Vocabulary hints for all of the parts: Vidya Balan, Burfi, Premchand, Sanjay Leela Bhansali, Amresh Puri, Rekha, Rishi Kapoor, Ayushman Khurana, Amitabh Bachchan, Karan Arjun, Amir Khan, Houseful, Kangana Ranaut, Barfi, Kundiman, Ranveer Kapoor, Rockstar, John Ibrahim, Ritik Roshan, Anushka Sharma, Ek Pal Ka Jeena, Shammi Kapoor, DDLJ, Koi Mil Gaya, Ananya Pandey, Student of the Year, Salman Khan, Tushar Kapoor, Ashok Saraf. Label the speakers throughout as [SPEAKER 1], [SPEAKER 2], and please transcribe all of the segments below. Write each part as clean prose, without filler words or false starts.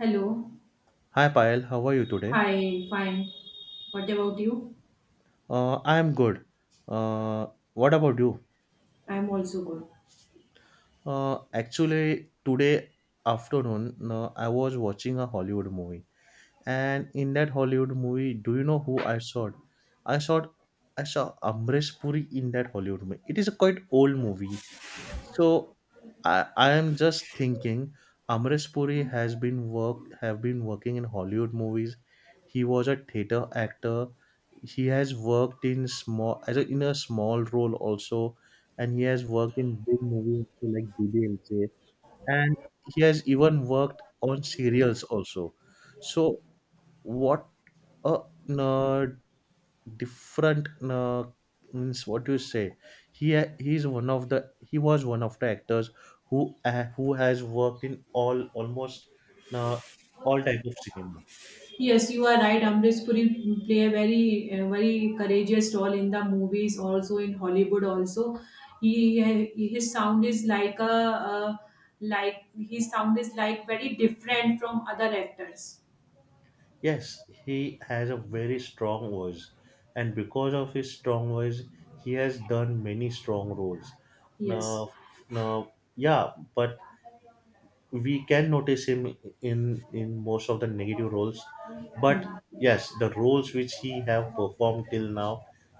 [SPEAKER 1] Hello.
[SPEAKER 2] Hi Payal, how are you today?
[SPEAKER 1] Hi, fine. What about you?
[SPEAKER 2] I am good. Uh, what about you?
[SPEAKER 1] I'm also good.
[SPEAKER 2] Actually, today afternoon, I was watching a Hollywood movie, and in that Hollywood movie, do you know who I saw? I saw I saw Amresh Puri in that Hollywood movie. It is a quite old movie. So I am just thinking Amrish Puri has been work have been working in Hollywood movies. He was a theater actor. He has worked in small in a small role also, and he has worked in big movies so like DDLJ, and he has even worked on serials also. So what a nerd different means what you say he was one of the actors who has worked in all almost uh, all type of cinema.
[SPEAKER 1] Yes, you are right. Amrish Puri play a very, very courageous role in the movies, also in Hollywood. Also, he his sound is like a, uh, like his sound is like very different from other actors.
[SPEAKER 2] Yes, he has a very strong voice, and because of his strong voice he has done many strong roles. Now,
[SPEAKER 1] Yes.
[SPEAKER 2] now, yeah, but we can notice him in most of the negative roles. But yes, the roles which he have performed till now,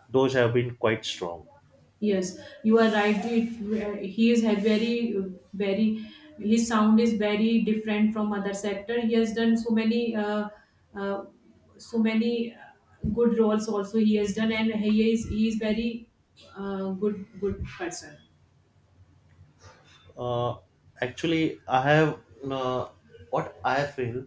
[SPEAKER 2] those have been quite strong.
[SPEAKER 1] Yes, you are right. It, he is had very, very. His sound is very different from other sector. He has done so many, uh, so many good roles. Also, he has done, and he is very good person.
[SPEAKER 2] Uh, actually I have uh, what I feel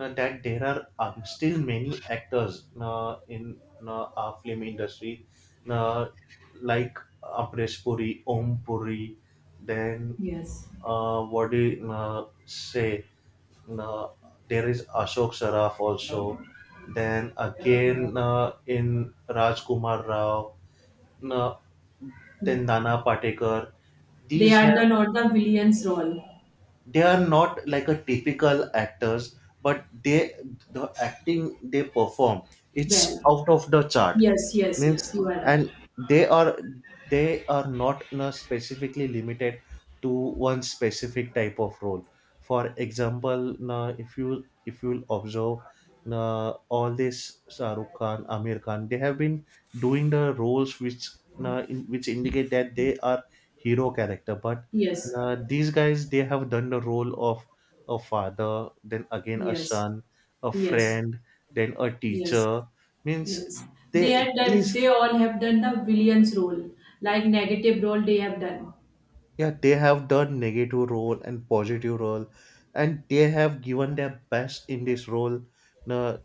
[SPEAKER 2] That there are still many actors in our film industry, uh, like Apresh Puri, Om Puri, then
[SPEAKER 1] Yes,
[SPEAKER 2] what do you say, uh, there is Ashok Saraf also. Then again in Rajkumar Rao, uh, then Nana Patekar.
[SPEAKER 1] they
[SPEAKER 2] These
[SPEAKER 1] are
[SPEAKER 2] have,
[SPEAKER 1] the not the villains role.
[SPEAKER 2] they are not like a typical actors, but they, the acting they perform, it's
[SPEAKER 1] Well,
[SPEAKER 2] out of the chart.
[SPEAKER 1] yes, yes,
[SPEAKER 2] Means,
[SPEAKER 1] yes. You are right.
[SPEAKER 2] and they are they are not specifically limited to one specific type of role. For example na, if you will observe na, all this Shahrukh Khan Amir Khan, they have been doing the roles which na in, which indicate that they are hero character. But
[SPEAKER 1] Yes,
[SPEAKER 2] na, these guys, they have done the role of a father, then again a
[SPEAKER 1] yes,
[SPEAKER 2] son, a
[SPEAKER 1] yes,
[SPEAKER 2] friend, then a
[SPEAKER 1] yes.
[SPEAKER 2] teacher. Means,
[SPEAKER 1] Yes, they
[SPEAKER 2] they
[SPEAKER 1] had done.
[SPEAKER 2] these,
[SPEAKER 1] They all have done the villain's role, like negative role. They have done.
[SPEAKER 2] yeah, they have done negative role and positive role, and they have given their best in this role na,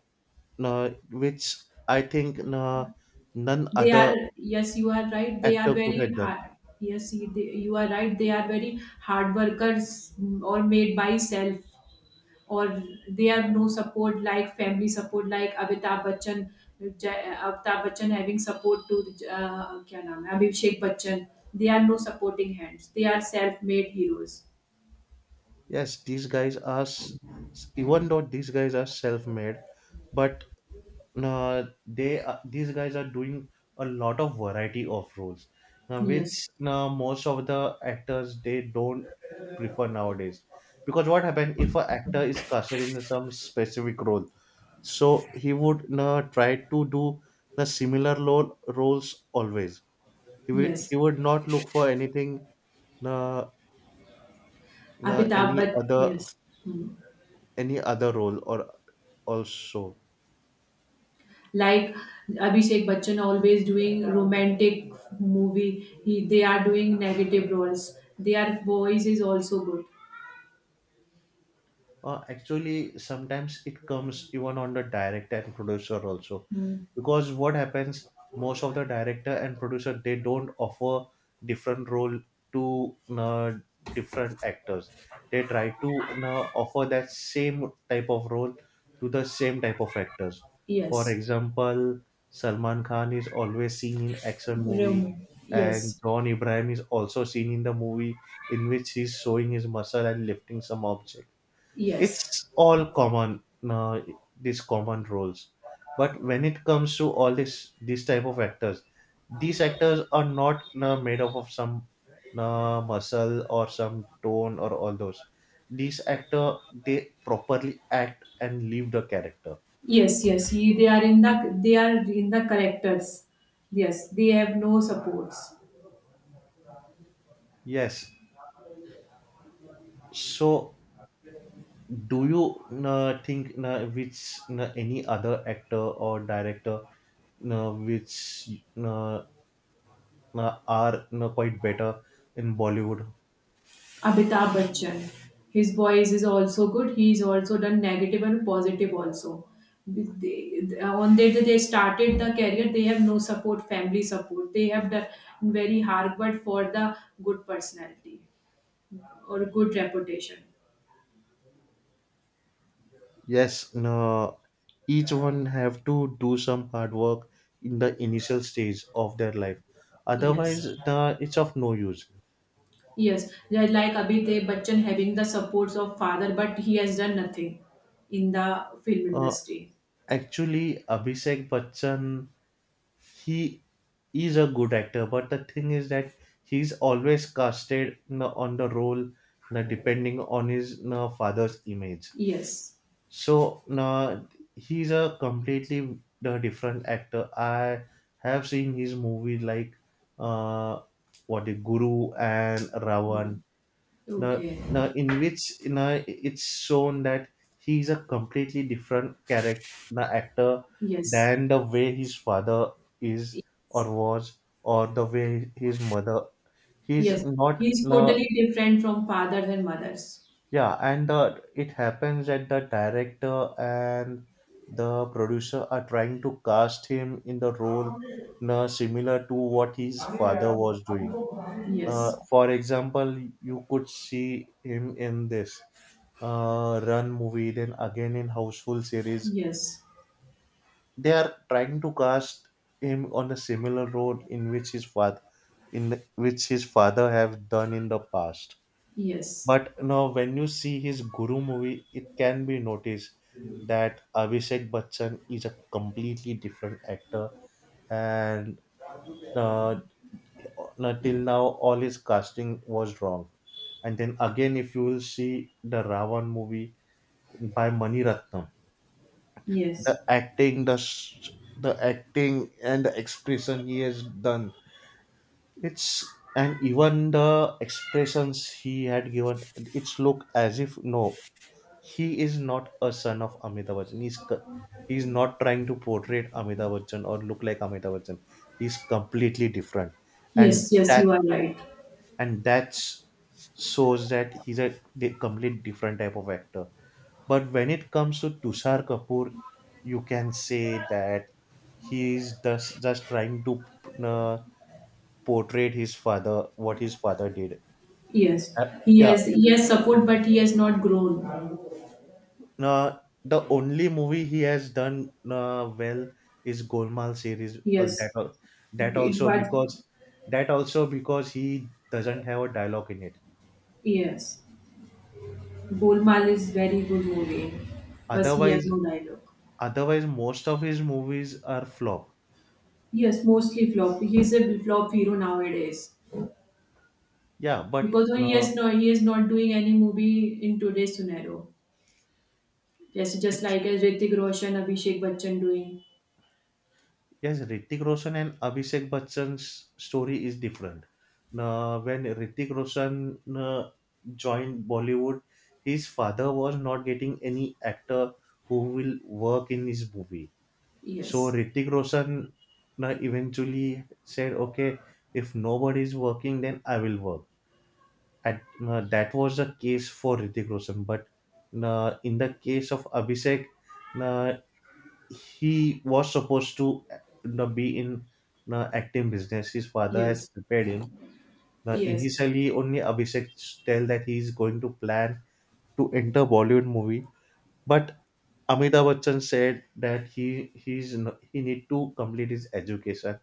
[SPEAKER 2] na, which I think na, none
[SPEAKER 1] They
[SPEAKER 2] other
[SPEAKER 1] are. Yes, you are right. They are
[SPEAKER 2] actor could
[SPEAKER 1] very
[SPEAKER 2] have done.
[SPEAKER 1] hard. Yes, you are right. They are very hard workers, or made by self, or they have no support like family support like Amitabh Bachchan. Amitabh Bachchan having support to क्या नाम है Abhishek Bachchan. They are no supporting hands. They are self-made heroes.
[SPEAKER 2] Yes, these guys are s- even though these guys are self-made, but they these guys are doing a lot of variety of roles now,
[SPEAKER 1] Yes,
[SPEAKER 2] which, now most of the actors, they don't prefer nowadays. Because what happened, if an actor is casted in some specific role, so he would now try to do the similar lo- roles always. He, will, he
[SPEAKER 1] yes.
[SPEAKER 2] would not look for anything uh,
[SPEAKER 1] Amitabh
[SPEAKER 2] any
[SPEAKER 1] Bach
[SPEAKER 2] other,
[SPEAKER 1] yes. Hmm.
[SPEAKER 2] any other role or also.
[SPEAKER 1] Like Abhishek Bachchan always doing romantic movie. They are doing negative roles. Their voice is also good.
[SPEAKER 2] Actually, sometimes it comes even on the director and producer also,
[SPEAKER 1] Hmm.
[SPEAKER 2] because what happens, most of the director and producer, they don't offer different role to different actors. They try to offer that same type of role to the same type of actors. For
[SPEAKER 1] Yes.
[SPEAKER 2] example, salman khan is always seen in action movie,
[SPEAKER 1] Rom-
[SPEAKER 2] and
[SPEAKER 1] yes.
[SPEAKER 2] john ibrahim is also seen in the movie in which he's showing his muscle and lifting some object.
[SPEAKER 1] Yes.
[SPEAKER 2] It's all common, uh, these common roles. But when it comes to all this, these type of actors, these actors are not made up of some muscle or some tone or all those. These actor, they properly act and live the character.
[SPEAKER 1] Yes. Yes. They are in the, they are in the characters. Yes. They have no supports.
[SPEAKER 2] Yes. So do you think which, any other actor or director, which uh, are quite better in bollywood.
[SPEAKER 1] Amitabh Bachchan. His voice is also good. He's also done negative and positive also. On the day they started the career, they have no support, family support. They have done very hard work for the good personality or good reputation.
[SPEAKER 2] Yes, no, each one have to do some hard work in the initial stage of their life.
[SPEAKER 1] Yes.
[SPEAKER 2] Otherwise, no, it's of no use.
[SPEAKER 1] Yes. They're like Abhitesh Bachchan having the supports of father, but he has done nothing in the film
[SPEAKER 2] Uh,
[SPEAKER 1] industry.
[SPEAKER 2] Actually, Abhishek Bachchan, he is a good actor, but the thing is that he's always casted nah, on the role nah, depending on his no father's image.
[SPEAKER 1] Yes.
[SPEAKER 2] So now he's a completely the different actor. I have seen his movie like uh what the Guru and Ravan. Now,
[SPEAKER 1] Okay.
[SPEAKER 2] now in which you know it's shown that he's a completely different character nah, actor,
[SPEAKER 1] Yes.
[SPEAKER 2] than the way his father is or was or the way his mother. He's
[SPEAKER 1] Yes,
[SPEAKER 2] not
[SPEAKER 1] he's totally different from fathers and mothers.
[SPEAKER 2] yeah, and it happens that the director and the producer are trying to cast him in the role similar to what his father was doing.
[SPEAKER 1] Yes,
[SPEAKER 2] For example, you could see him in this Run movie, then again in Houseful series.
[SPEAKER 1] yes,
[SPEAKER 2] They are trying to cast him on a similar role in which his father, in which his father have done in the past.
[SPEAKER 1] yes,
[SPEAKER 2] But you know, when you see his Guru movie, it can be noticed that Abhishek Bachchan is a completely different actor, and uh, now- till now all his casting was wrong. And then again, if you will see the Ravan movie by Mani Ratnam, the
[SPEAKER 1] yes,
[SPEAKER 2] acting, the s- the acting and the expression he has done, it's, and even the expressions he had given, it's look as if no, he is not a son of Amitabh Bachchan. He's co- he's not trying to portray Amitabh Bachchan or look like Amitabh Bachchan. He's completely different, and
[SPEAKER 1] yes, yes,
[SPEAKER 2] that
[SPEAKER 1] you are right.
[SPEAKER 2] and that's shows that he's a di- complete different type of actor. But when it comes to Tushar Kapoor, you can say that he's just trying to uh, portray his father, what his father did.
[SPEAKER 1] Yes,
[SPEAKER 2] Uh,
[SPEAKER 1] he
[SPEAKER 2] yeah.
[SPEAKER 1] has, he has support, but he has not grown.
[SPEAKER 2] Uh, the only movie he has done well is Golmaal series. All that
[SPEAKER 1] Yes,
[SPEAKER 2] al- that
[SPEAKER 1] it
[SPEAKER 2] also
[SPEAKER 1] was,
[SPEAKER 2] because that also because he doesn't have a dialogue in it.
[SPEAKER 1] yes. Golmaal is very good movie, but he have
[SPEAKER 2] Otherwise,
[SPEAKER 1] no dialogue.
[SPEAKER 2] Otherwise most of his movies are flop.
[SPEAKER 1] Yes, mostly flop. He's a flop hero nowadays,
[SPEAKER 2] Yeah, but
[SPEAKER 1] because when he
[SPEAKER 2] uh,
[SPEAKER 1] has no, he is not doing any movie in today's scenario. Just
[SPEAKER 2] actu-
[SPEAKER 1] like as Ritik Roshan, Abhishek Bachchan doing.
[SPEAKER 2] yes, Ritik Roshan and Abhishek Bachchan's story is different. When Ritik Roshan joined Bollywood, his father was not getting any actor who will work in his movie. So
[SPEAKER 1] Yes,
[SPEAKER 2] Ritik Roshan eventually said, "Okay, if nobody is working, then I will work." At that was the case for Ritik Roshan, but in the case of Abhishek, uh, he was supposed to be in acting business. His father has
[SPEAKER 1] yes,
[SPEAKER 2] prepared him. Now,
[SPEAKER 1] yes,
[SPEAKER 2] initially, only Abhishek tell that he is going to plan to enter Bollywood movie, but Amitabh Bachchan said that he's n- he need to complete his education,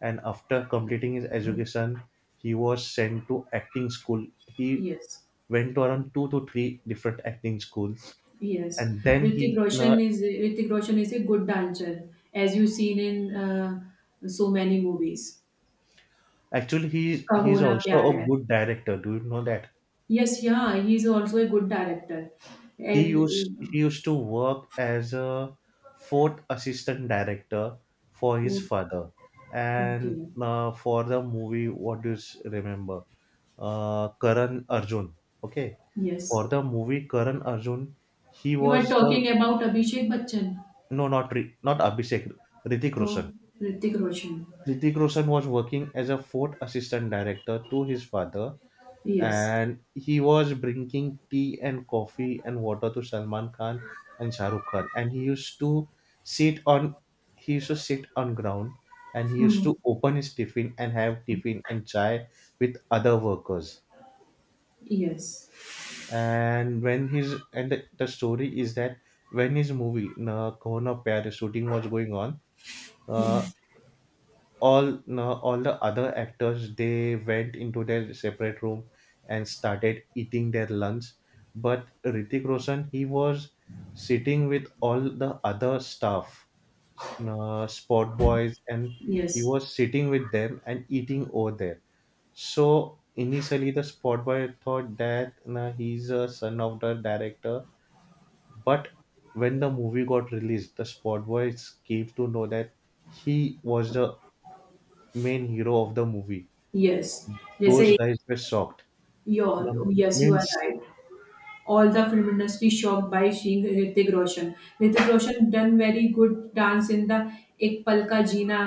[SPEAKER 2] and after completing his education he was sent to acting school. He
[SPEAKER 1] yes,
[SPEAKER 2] went to around two to three different acting schools,
[SPEAKER 1] yes.
[SPEAKER 2] and then
[SPEAKER 1] Hrithik
[SPEAKER 2] he
[SPEAKER 1] Roshan is Hrithik Roshan is a good dancer, as you've seen in so many movies.
[SPEAKER 2] actually
[SPEAKER 1] Kaho
[SPEAKER 2] he's
[SPEAKER 1] Na
[SPEAKER 2] also
[SPEAKER 1] Pyar
[SPEAKER 2] a
[SPEAKER 1] Hai.
[SPEAKER 2] good director, do you know that?
[SPEAKER 1] Yes, yeah, he's also a good director.
[SPEAKER 2] He used
[SPEAKER 1] And
[SPEAKER 2] he used to work as a fourth assistant director for his
[SPEAKER 1] food-
[SPEAKER 2] father, and
[SPEAKER 1] okay,
[SPEAKER 2] for the movie, what do you s- remember, karan arjun, okay, for
[SPEAKER 1] yes.
[SPEAKER 2] the movie karan arjun he
[SPEAKER 1] You are
[SPEAKER 2] was the,
[SPEAKER 1] talking about Abhishek Bachchan,
[SPEAKER 2] no, not Ri- not Abhishek. Ritik
[SPEAKER 1] so
[SPEAKER 2] Roshan.
[SPEAKER 1] Hrithik Roshan.
[SPEAKER 2] Ritik Roshan was working as a fort assistant director to his father,
[SPEAKER 1] Yes.
[SPEAKER 2] and he was bringing tea and coffee and water to Salman Khan and Shah Rukh Khan. And sit on he used to sit on ground, and he used
[SPEAKER 1] Hmm.
[SPEAKER 2] to open his tiffin and have tiffin and chai with other workers.
[SPEAKER 1] Yes.
[SPEAKER 2] And when his and the story is that when his movie Na Kona Pyar is shooting was going on, uh, all no, all the other actors, they went into their separate room and started eating their lunch, but Ritik Roshan, he was sitting with all the other staff s- sport boys, and he
[SPEAKER 1] Yes.
[SPEAKER 2] was sitting with them and eating over there. So initially the sport boy thought that he's a son of the director, but when the movie got released the sport boys came to know that he was the main hero of the movie.
[SPEAKER 1] Yes.
[SPEAKER 2] Those
[SPEAKER 1] जैसे
[SPEAKER 2] guys were shocked. The
[SPEAKER 1] your yes you are
[SPEAKER 2] means
[SPEAKER 1] right, all the film industry shocked by seeing Hrithik Roshan. Hrithik Roshan done very good dance in the Ek Pal Ka Jeena.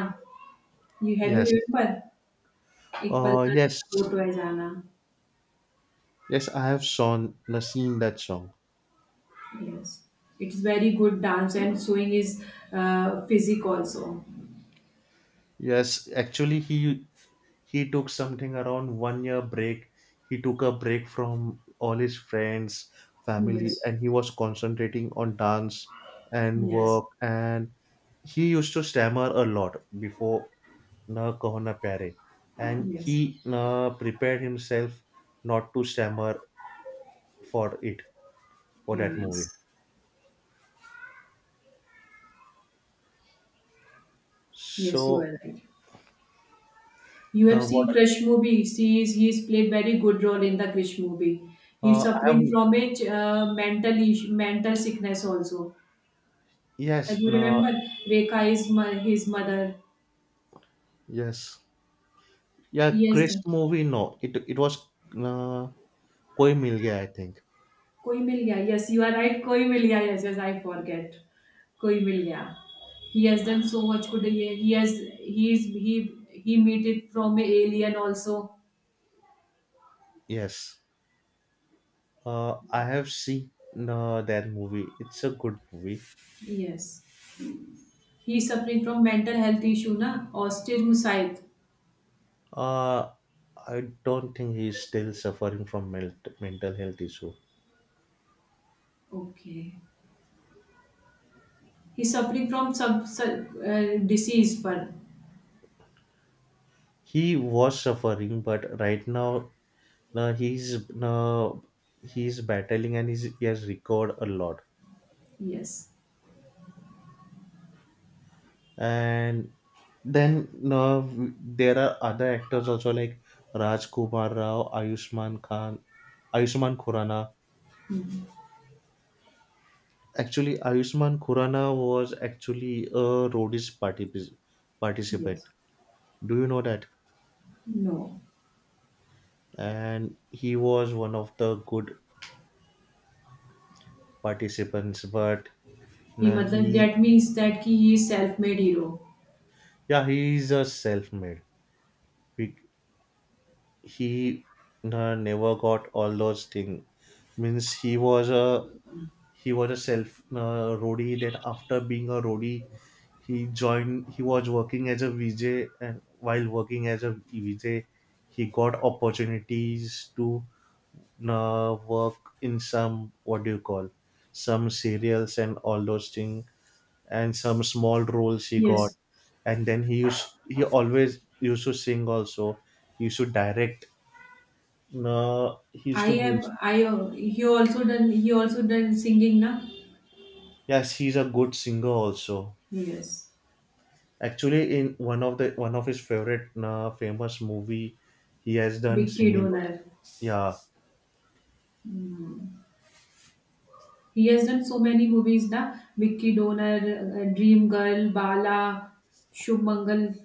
[SPEAKER 1] You
[SPEAKER 2] yes.
[SPEAKER 1] remember Ek Pal Ka
[SPEAKER 2] Yes.
[SPEAKER 1] Jeena, Wo To Hai Jaana.
[SPEAKER 2] Yes, I have seen that song.
[SPEAKER 1] Yes, it is very good dance, and showing his physique also.
[SPEAKER 2] Yes, actually he took something around 1 year break. He took a break from all his friends, family,
[SPEAKER 1] Yes,
[SPEAKER 2] and he was concentrating on dance and
[SPEAKER 1] yes,
[SPEAKER 2] work, and he used to stammer a lot before Na Kaho Na Pyare. And
[SPEAKER 1] yes,
[SPEAKER 2] he prepared himself not to stammer for it for that movie.
[SPEAKER 1] yes, yes. You
[SPEAKER 2] So
[SPEAKER 1] are right. You have
[SPEAKER 2] the
[SPEAKER 1] seen
[SPEAKER 2] what
[SPEAKER 1] Krish movie. She is he is played very good role in the Krish movie. He's
[SPEAKER 2] I have
[SPEAKER 1] suffering from a mental issue, mental sickness also. And
[SPEAKER 2] yes
[SPEAKER 1] you
[SPEAKER 2] no
[SPEAKER 1] remember, Rekha is his mother.
[SPEAKER 2] yes yeah
[SPEAKER 1] Yes,
[SPEAKER 2] Chris movie no it it was uh, Koi Mil Gaya I think.
[SPEAKER 1] कोई मिल गया. Yes, you are right. कोई मिल गया. Yes, yes, I forget. कोई मिल गया. He has done so much good. He has he is he meet it from a alien also.
[SPEAKER 2] Yes, I have seen that movie, it's a good movie.
[SPEAKER 1] Yes. He is suffering from mental health issue, na? Autism side.
[SPEAKER 2] uh, I don't think he's still suffering from mel- mental health issue.
[SPEAKER 1] Okay. He is suffering from sub disease पर.
[SPEAKER 2] He was suffering, but right now uh, he's uh, he's battling and he has recovered a lot.
[SPEAKER 1] Yes.
[SPEAKER 2] And then w- there are other actors also like Raj Kumar Rao, Ayushman Khan, Ayushman Khurana.
[SPEAKER 1] Hmm.
[SPEAKER 2] Actually, Ayushman Khurana was actually a Rhodes particip- participant.
[SPEAKER 1] Yes.
[SPEAKER 2] Do you know that?
[SPEAKER 1] No.
[SPEAKER 2] And he was one of the good participants, but
[SPEAKER 1] He
[SPEAKER 2] nah,
[SPEAKER 1] मतलब
[SPEAKER 2] he
[SPEAKER 1] that means that कि he is self-made hero.
[SPEAKER 2] yeah, he is a self-made. We, he nah, never got all those things. Means he was a self roadie. Then after being a roadie he was working as a VJ, and while working as a VJ he got opportunities to work in some, what do you call, some serials and all those things, and some small roles he got.
[SPEAKER 1] Yes.
[SPEAKER 2] And then he always used to sing also. He used to direct, he used
[SPEAKER 1] I
[SPEAKER 2] to
[SPEAKER 1] have
[SPEAKER 2] music.
[SPEAKER 1] I he also done, he also done singing, na?
[SPEAKER 2] Yes, he's a good singer also.
[SPEAKER 1] Yes.
[SPEAKER 2] Actually, in one of the one of his favorite famous movie, he has done
[SPEAKER 1] Vicky
[SPEAKER 2] singing also.
[SPEAKER 1] Donor.
[SPEAKER 2] Yeah,
[SPEAKER 1] He has done so many movies, na? Vicky Donor, Dream Girl, Bala, Shubh Mangal,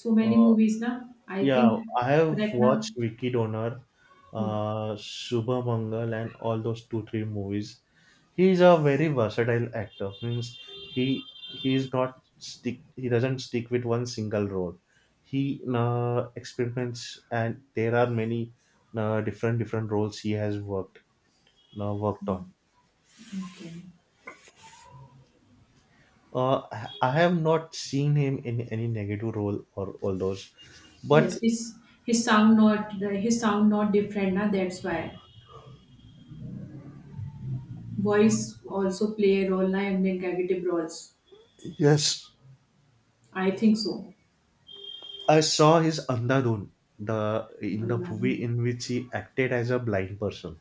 [SPEAKER 1] so many
[SPEAKER 2] uh,
[SPEAKER 1] movies, na? I think
[SPEAKER 2] yeah. I have
[SPEAKER 1] correct, na?
[SPEAKER 2] watched Vicky Donor,
[SPEAKER 1] Hmm.
[SPEAKER 2] Shubha Mangal, and all those 2-3 movies. He is a very versatile actor. Means he he is not stick. He doesn't stick with one single role. He experiments, and there are many different different roles he has worked on.
[SPEAKER 1] Okay.
[SPEAKER 2] Uh, I have not seen him in any negative role or all those, but
[SPEAKER 1] Yes, his sound not his sound not different, na? That's why voice also play a role, na, in negative roles.
[SPEAKER 2] yes,
[SPEAKER 1] I think so.
[SPEAKER 2] I saw his Andhadhun, the in the movie in which he acted as a blind person,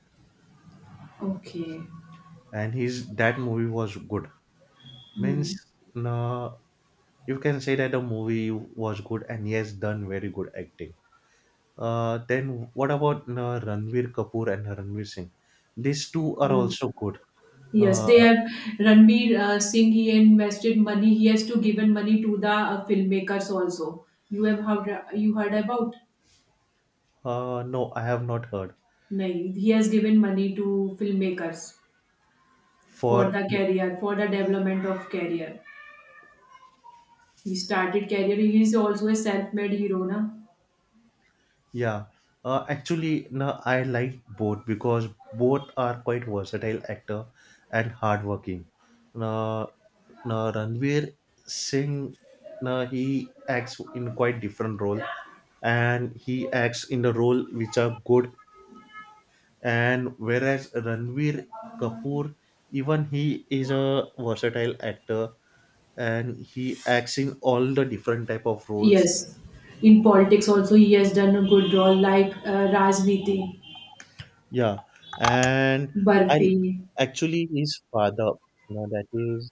[SPEAKER 1] Okay.
[SPEAKER 2] and his that movie was good. Means,
[SPEAKER 1] Hmm.
[SPEAKER 2] uh, you can say that the movie was good, and he has done very good acting. Then what about Ranveer Kapoor and Ranveer Singh? These two are
[SPEAKER 1] Hmm.
[SPEAKER 2] also good.
[SPEAKER 1] Yes, they
[SPEAKER 2] Uh,
[SPEAKER 1] have. Ranbir Singh. He invested money. He has to given money to the filmmakers also. You heard about?
[SPEAKER 2] no, I have not heard
[SPEAKER 1] No, he has given money to filmmakers, for
[SPEAKER 2] for.
[SPEAKER 1] the career, for the development of career. He started career. He is also a self-made hero, na?
[SPEAKER 2] Yeah, actually, no, I like both because both are quite versatile actor and hardworking. Now, Now Ranveer Singh, now he acts in quite different role, and he acts in the role which are good. And whereas Ranveer Kapoor, even he is a versatile actor, and he acts in all the different type of roles.
[SPEAKER 1] Yes, in politics also he has done a good role, like Rajniti,
[SPEAKER 2] Yeah, and I
[SPEAKER 1] Barfi.
[SPEAKER 2] actually his father, now that is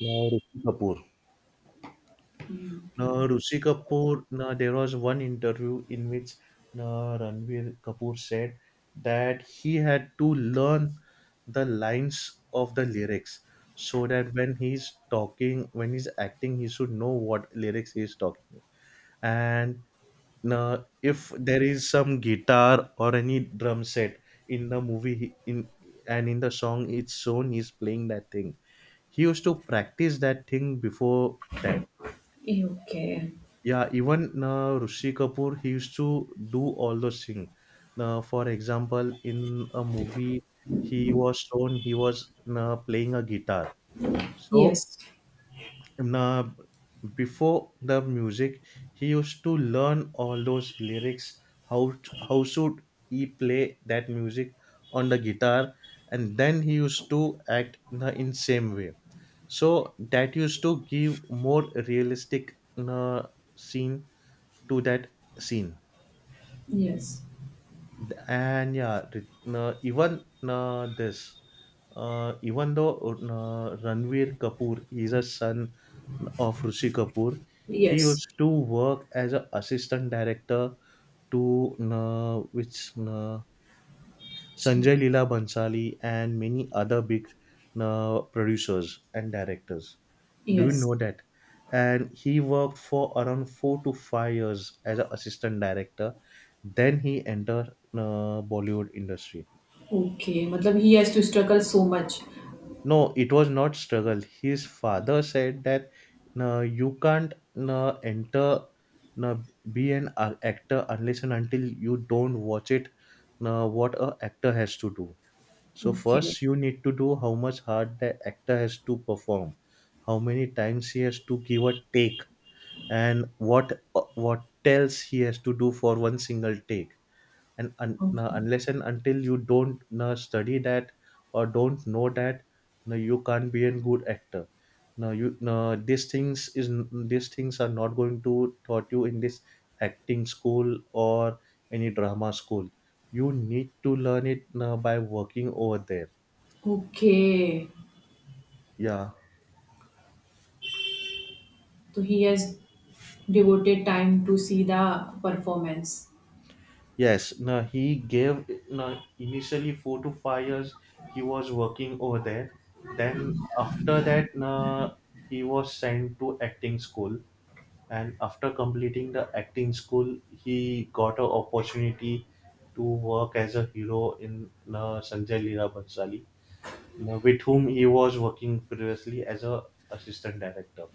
[SPEAKER 2] now Rishi Kapoor. Now Rishi Kapoor, now there was one interview in which now Ranveer Kapoor said that he had to learn the lines of the lyrics so that when he's talking, when he's acting, he should know what lyrics he is talking. And now, if there is some guitar or any drum set in the movie, he- in and in the song it's shown he's playing that thing. He used to practice that thing before that.
[SPEAKER 1] Okay.
[SPEAKER 2] Yeah, even Rishi Kapoor, he used to do all those things. Now, for example, in a movie, he was playing a guitar. So
[SPEAKER 1] Yes,
[SPEAKER 2] Now, Before the music he used to learn all those lyrics, how should he play that music on the guitar, and then he used to act na, in same way, so that used to give more realistic na, scene to that scene.
[SPEAKER 1] yes,
[SPEAKER 2] No, even this even though Ranveer Kapoor is a son of Rishi Kapoor, he
[SPEAKER 1] yes,
[SPEAKER 2] used to work as an assistant director to which uh, Sanjay Leela Bhansali and many other big producers and directors. Do you
[SPEAKER 1] yes.
[SPEAKER 2] know that? And he worked for around 4 to 5 years as an assistant director. Then he entered Bollywood industry.
[SPEAKER 1] Okay मतलब he has to struggle so much.
[SPEAKER 2] No, it was not struggle. His father said that no, you can't no, enter no, be an actor unless and until you don't watch it no, what a actor has to do. So
[SPEAKER 1] okay.
[SPEAKER 2] first you need to do how much hard the actor has to perform, how many times he has to give a take, and what tells he has to do for one single take, and
[SPEAKER 1] okay.
[SPEAKER 2] unless and until you don't na study that or don't know that na you can't be a good actor. Now you no These things is these things are not going to taught you in this acting school or any drama school. You need to learn it na by working over there.
[SPEAKER 1] Okay
[SPEAKER 2] Yeah.
[SPEAKER 1] तो he has devoted time to see the performance.
[SPEAKER 2] Yes, no, he gave no, initially 4 to 5 years he was working over there. Then after that, no, he was sent to acting school. And after completing the acting school, he got an opportunity to work as a hero in no, Sanjay Leela Bhansali, no, with whom he was working previously as a assistant director.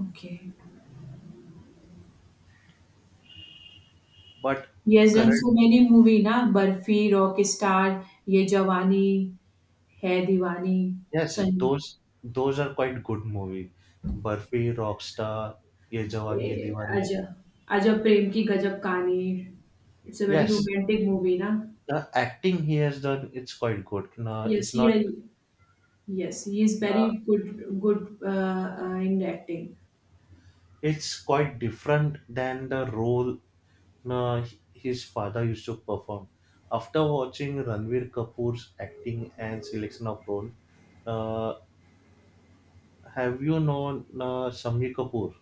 [SPEAKER 1] Okay.
[SPEAKER 2] But
[SPEAKER 1] ये as then
[SPEAKER 2] current.
[SPEAKER 1] So many movie ना बर्फी रॉकेस्टार ये जवानी हैदीवानी
[SPEAKER 2] Yes,
[SPEAKER 1] sun
[SPEAKER 2] those are quite good movie. Burfi, Rockstar, Ye Jawani Ye Diwani.
[SPEAKER 1] अजा अजब प्रेम की गजब कहानी it's a बड़ी
[SPEAKER 2] Yes,
[SPEAKER 1] रोमांटिक मूवी ना.
[SPEAKER 2] the acting he has done it's quite good. No,
[SPEAKER 1] ये
[SPEAKER 2] it's
[SPEAKER 1] C L.
[SPEAKER 2] not.
[SPEAKER 1] Yes he is very
[SPEAKER 2] No,
[SPEAKER 1] good in the acting.
[SPEAKER 2] it's quite different than the role no, his father used to perform. After watching Ranveer Kapoor's acting and selection of role, uh, have you known Shami Kapoor?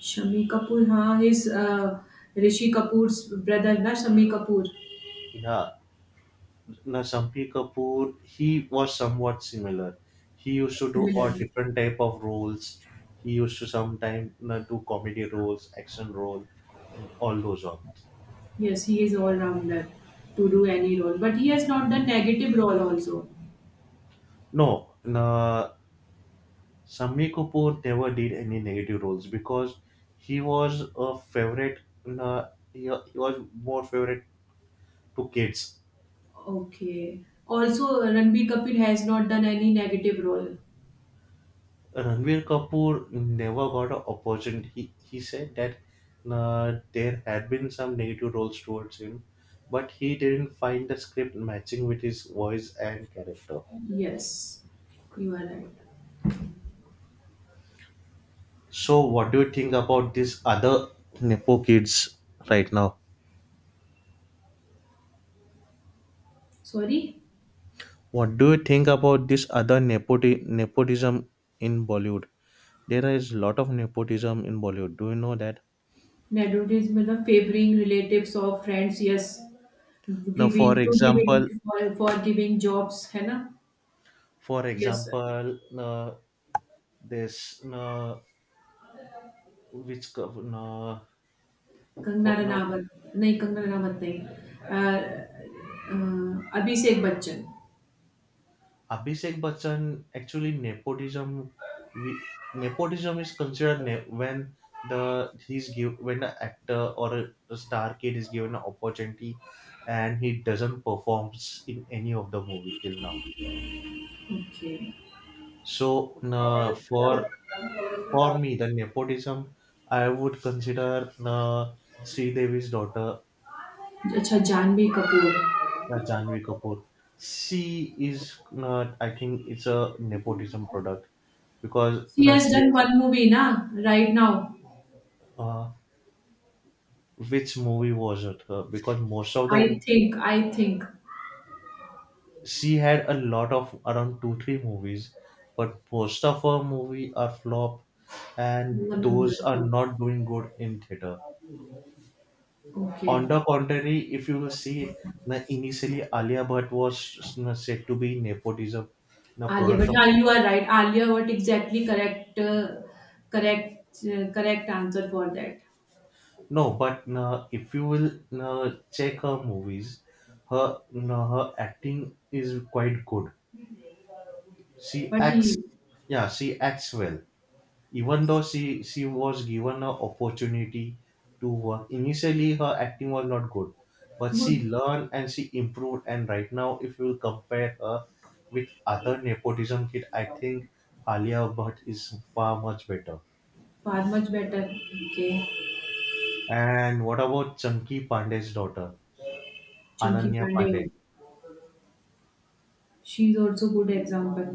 [SPEAKER 1] Shami Kapoor, हाँ. His Rishi Kapoor's brother, na, Shami Kapoor.
[SPEAKER 2] Yeah. Now, Shampy Kapoor, he was somewhat similar. He used to do all
[SPEAKER 1] Similar.
[SPEAKER 2] different type of roles. He used to sometimes do comedy roles, action role, and all those on.
[SPEAKER 1] Yes, he is all rounder to do any role, but he has not done negative role also.
[SPEAKER 2] No, na Shami Kapoor never did any negative roles because he was a favorite. Na, he was more favorite to kids.
[SPEAKER 1] Okay. Also, Ranbir Kapoor has not done any negative role.
[SPEAKER 2] Ranveer Kapoor never got an opportunity. He said that there had been some negative roles towards him, but he didn't find the script matching with his voice and character.
[SPEAKER 1] Yes, you are right.
[SPEAKER 2] So, what do you think about these other Nepo kids right now?
[SPEAKER 1] Sorry.
[SPEAKER 2] What do you think about this other nepotism in Bollywood? There is a lot of nepotism in Bollywood. Do you know that?
[SPEAKER 1] Nepotism is the favoring relatives or friends. Yes,
[SPEAKER 2] Now, for
[SPEAKER 1] giving to giving
[SPEAKER 2] example,
[SPEAKER 1] for giving jobs, है ना?
[SPEAKER 2] for
[SPEAKER 1] Yes, sir.
[SPEAKER 2] example, uh, this. No,
[SPEAKER 1] Kangana
[SPEAKER 2] for no.
[SPEAKER 1] Ranaut. नहीं कंगना रनावत नहीं. Uh, uh, Abhishek Bachchan.
[SPEAKER 2] Abhishek Bachchan actually nepotism. We Nepotism is considered when the he's give when the actor or a, the star kid is given an opportunity and he doesn't performs in any of the movie till now.
[SPEAKER 1] Okay.
[SPEAKER 2] So no, for me the nepotism I would consider no, Sridevi's daughter.
[SPEAKER 1] अच्छा, Jahnavi Kapoor.
[SPEAKER 2] Yeah, Janvi Kapoor. She is not. I think it's a nepotism product because
[SPEAKER 1] she has
[SPEAKER 2] she
[SPEAKER 1] done
[SPEAKER 2] has.
[SPEAKER 1] One movie ना right now.
[SPEAKER 2] Uh, which movie was it? Because most of the
[SPEAKER 1] I think.
[SPEAKER 2] she had a lot of around 2-3 movies, but most of her movie are flop, and those are not doing good in theater.
[SPEAKER 1] Okay.
[SPEAKER 2] On the contrary, if you will see, na initially Alia Bhatt was na, said to be nepotism, na
[SPEAKER 1] Alia
[SPEAKER 2] product
[SPEAKER 1] but,
[SPEAKER 2] of.
[SPEAKER 1] हाँ, you are right. Alia what exactly correct. Correct correct answer for that.
[SPEAKER 2] No, but if you will check her movies, her acting is quite good. She
[SPEAKER 1] but he
[SPEAKER 2] acts, yeah, she acts well. Even though she was given an opportunity to work, initially her acting was not good, but
[SPEAKER 1] good.
[SPEAKER 2] she learned and she improved. And right now, if you compare her with other nepotism kid, I think Alia Bhatt is far much better.
[SPEAKER 1] Far much better. Okay.
[SPEAKER 2] And what about Chunky Pandey's daughter,
[SPEAKER 1] Chunky
[SPEAKER 2] Ananya
[SPEAKER 1] Pandey.
[SPEAKER 2] Pandey?
[SPEAKER 1] She is also good example.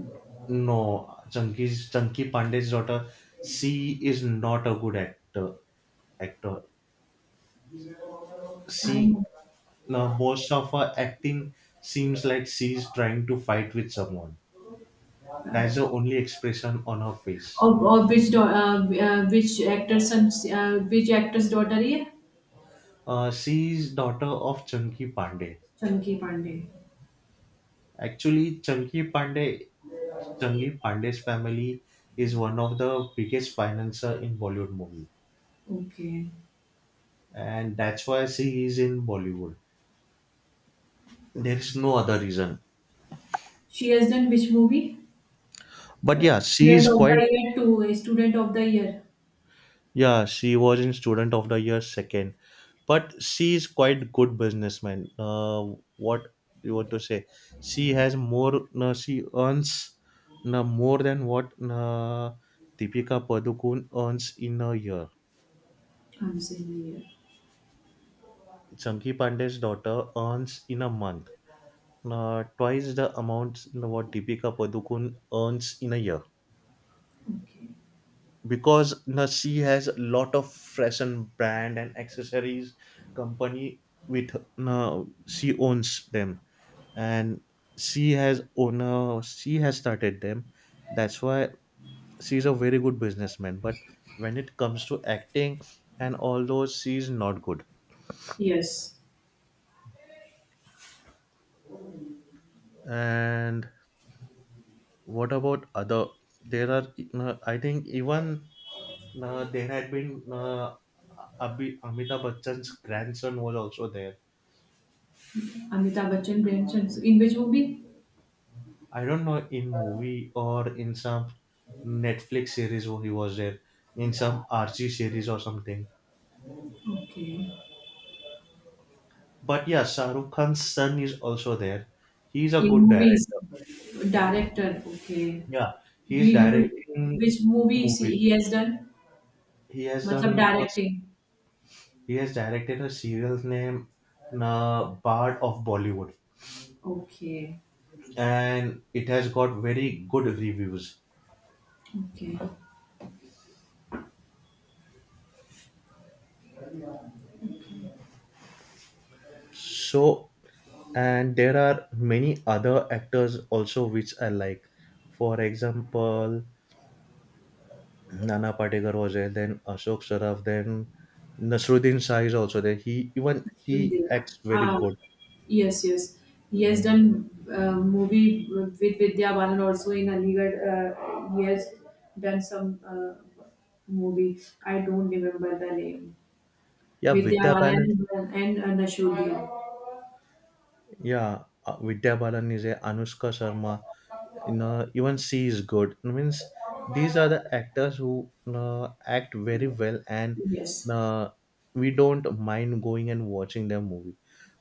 [SPEAKER 2] No, Chunky Pandey's daughter. She is not a good actor. Actor.
[SPEAKER 1] I.
[SPEAKER 2] She No, most of her acting seems like she's trying to fight with someone. That's the only expression on her face.
[SPEAKER 1] और which which actor son, which actor's daughter ये.
[SPEAKER 2] She is daughter of Chunky Pandey.
[SPEAKER 1] Chunky Pandey.
[SPEAKER 2] Actually, Chunky Pandey's family is one of the biggest financier in Bollywood movie,
[SPEAKER 1] Okay.
[SPEAKER 2] and that's why she is in Bollywood. There is no other reason.
[SPEAKER 1] She has done which movie?
[SPEAKER 2] But
[SPEAKER 1] Yeah.
[SPEAKER 2] yeah, she
[SPEAKER 1] student
[SPEAKER 2] is
[SPEAKER 1] of
[SPEAKER 2] quite.
[SPEAKER 1] the year two Student of the Year,
[SPEAKER 2] Yeah, she was in Student of the Year second, but she is quite good businessman. What you want to say? She has more. She earns more than what Deepika Padukone earns in a year.
[SPEAKER 1] comes in the year.
[SPEAKER 2] Chunky Pandey's daughter earns in a month. Twice the amount no, what Deepika Padukone earns in a year.
[SPEAKER 1] Okay,
[SPEAKER 2] Because Nasi has a lot of fashion brand and accessories company with she owns them, and she has started them. That's why she's a very good businessman, but when it comes to acting and all those, she's not good.
[SPEAKER 1] yes.
[SPEAKER 2] And what about other? There are I think even there had been Amitabh Bachchan's grandson was also there.
[SPEAKER 1] Amitabh Bachchan Premchand in which movie?
[SPEAKER 2] I don't know in movie or in some Netflix series where he was there, in some R G series or something.
[SPEAKER 1] Okay.
[SPEAKER 2] But yeah, Shahrukh Khan's son is also there. He's a
[SPEAKER 1] In
[SPEAKER 2] good director.
[SPEAKER 1] movies. Director. Okay.
[SPEAKER 2] Yeah,
[SPEAKER 1] He,
[SPEAKER 2] he's directing
[SPEAKER 1] which movie he
[SPEAKER 2] movies.
[SPEAKER 1] he has done?
[SPEAKER 2] He has
[SPEAKER 1] मतलब directing.
[SPEAKER 2] he has directed a serial named Bard of Bollywood,
[SPEAKER 1] okay.
[SPEAKER 2] and it has got very good reviews.
[SPEAKER 1] Okay.
[SPEAKER 2] So, and there are many other actors also which I like. For example, Nana Patekar was there, then Ashok Saraf, then Nasruddin Shah is also there. He Even he acts very good.
[SPEAKER 1] Yes, yes. He has done movie with Vidya Balan also, in Aligarh. He has done some movie. I don't remember the name.
[SPEAKER 2] Yeah,
[SPEAKER 1] Vidya
[SPEAKER 2] Vidya Balan.
[SPEAKER 1] Balan and Nashudia.
[SPEAKER 2] Yeah, Vidya Balan is there. Anushka Sharma. You know, even she is good. It means these are the actors who, you know, act very well, and
[SPEAKER 1] Yes.
[SPEAKER 2] uh, we don't mind going and watching their movie.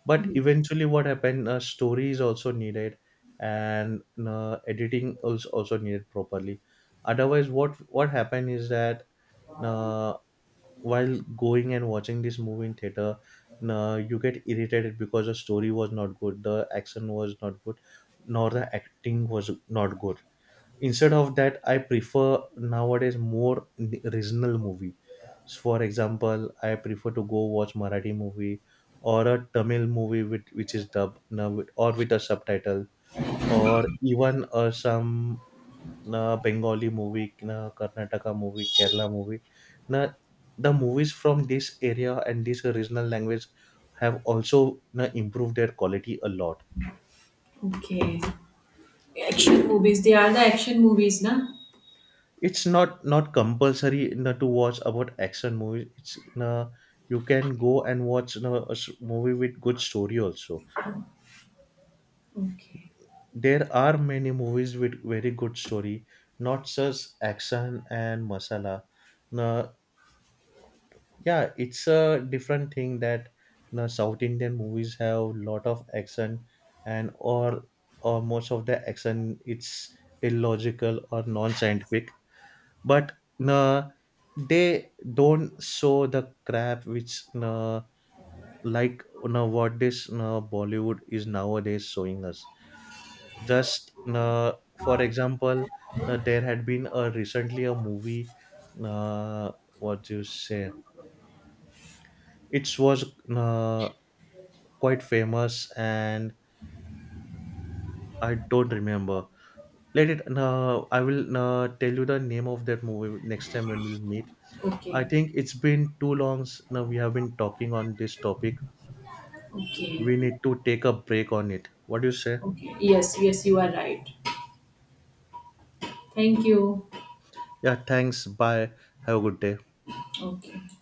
[SPEAKER 2] But eventually what happened, story is also needed, and, you know, editing is also needed properly. Otherwise what happened is that, uh, while going and watching this movie in theater, you get irritated because the story was not good, the action was not good, nor the acting was not good. Instead of that, I prefer nowadays more regional movie. For example, I prefer to go watch Marathi movie or a Tamil movie with, which is dubbed now or with a subtitle, or even some Bengali movie, Karnataka movie, Kerala movie. Now, the movies from this area and this regional language have also improved their quality a lot.
[SPEAKER 1] Okay. Action movies. They are the action movies, na?
[SPEAKER 2] It's not compulsory, you know, to watch about action movies. It's, you know, you can go and watch, you know, a movie with good story also.
[SPEAKER 1] Okay.
[SPEAKER 2] There are many movies with very good story, not just action and masala. Now, yeah, it's a different thing that, you know, South Indian movies have lot of action, and or most of the action it's illogical or non-scientific. But uh, they don't show the crap which what this Bollywood is nowadays showing us. Just for example, there had been a recently a movie, what you say, it was uh, quite famous, and I don't remember. Let it, I will tell you the name of that movie next time when we'll meet. I
[SPEAKER 1] Okay.
[SPEAKER 2] think it's been too long now we have been talking on this topic. We
[SPEAKER 1] Okay.
[SPEAKER 2] need to take a break on it. What do you say?
[SPEAKER 1] Okay. Yes, yes, you are right. Thank you.
[SPEAKER 2] Yeah, thanks. Bye. Have a good day.
[SPEAKER 1] Okay.